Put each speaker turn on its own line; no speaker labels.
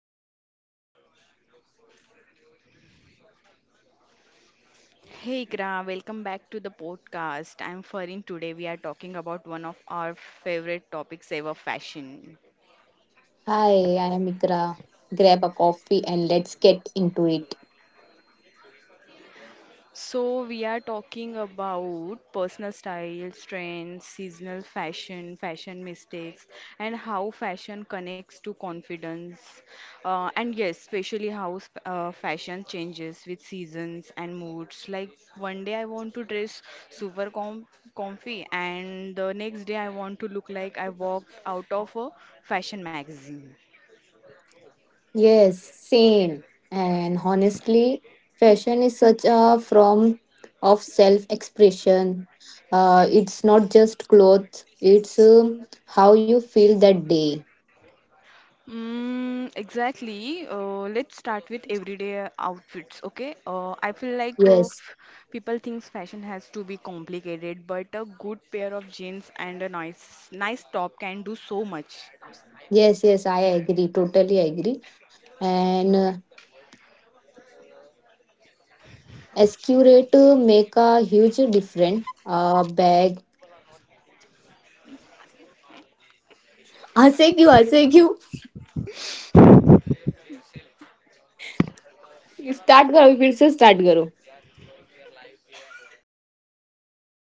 Hey Gra, welcome back to the podcast. I'm Farin. Today we are talking about one of our favorite topics ever, fashion.
Hi, I am Ikra. Grab a coffee and let's get into it.
So, we are talking about personal style, trends, seasonal fashion, fashion mistakes, and how fashion connects to confidence. And yes, especially how fashion changes with seasons and moods. Like one day I want to dress super com- comfy, and the next day I want to look like I walked out of a fashion magazine.
Yes, same. And honestly, fashion is such a form of self expression. It's not just clothes, it's how you feel that day.
Mm, exactly. Let's start with everyday outfits, okay? I feel like
Yes,
f people thinks fashion has to be complicated, but a good pair of jeans and a nice top can do so much.
yes, yes, I agree, totally agree. And accurate make a huge difference. Bag. हंसे क्यों start करो फिर से start करो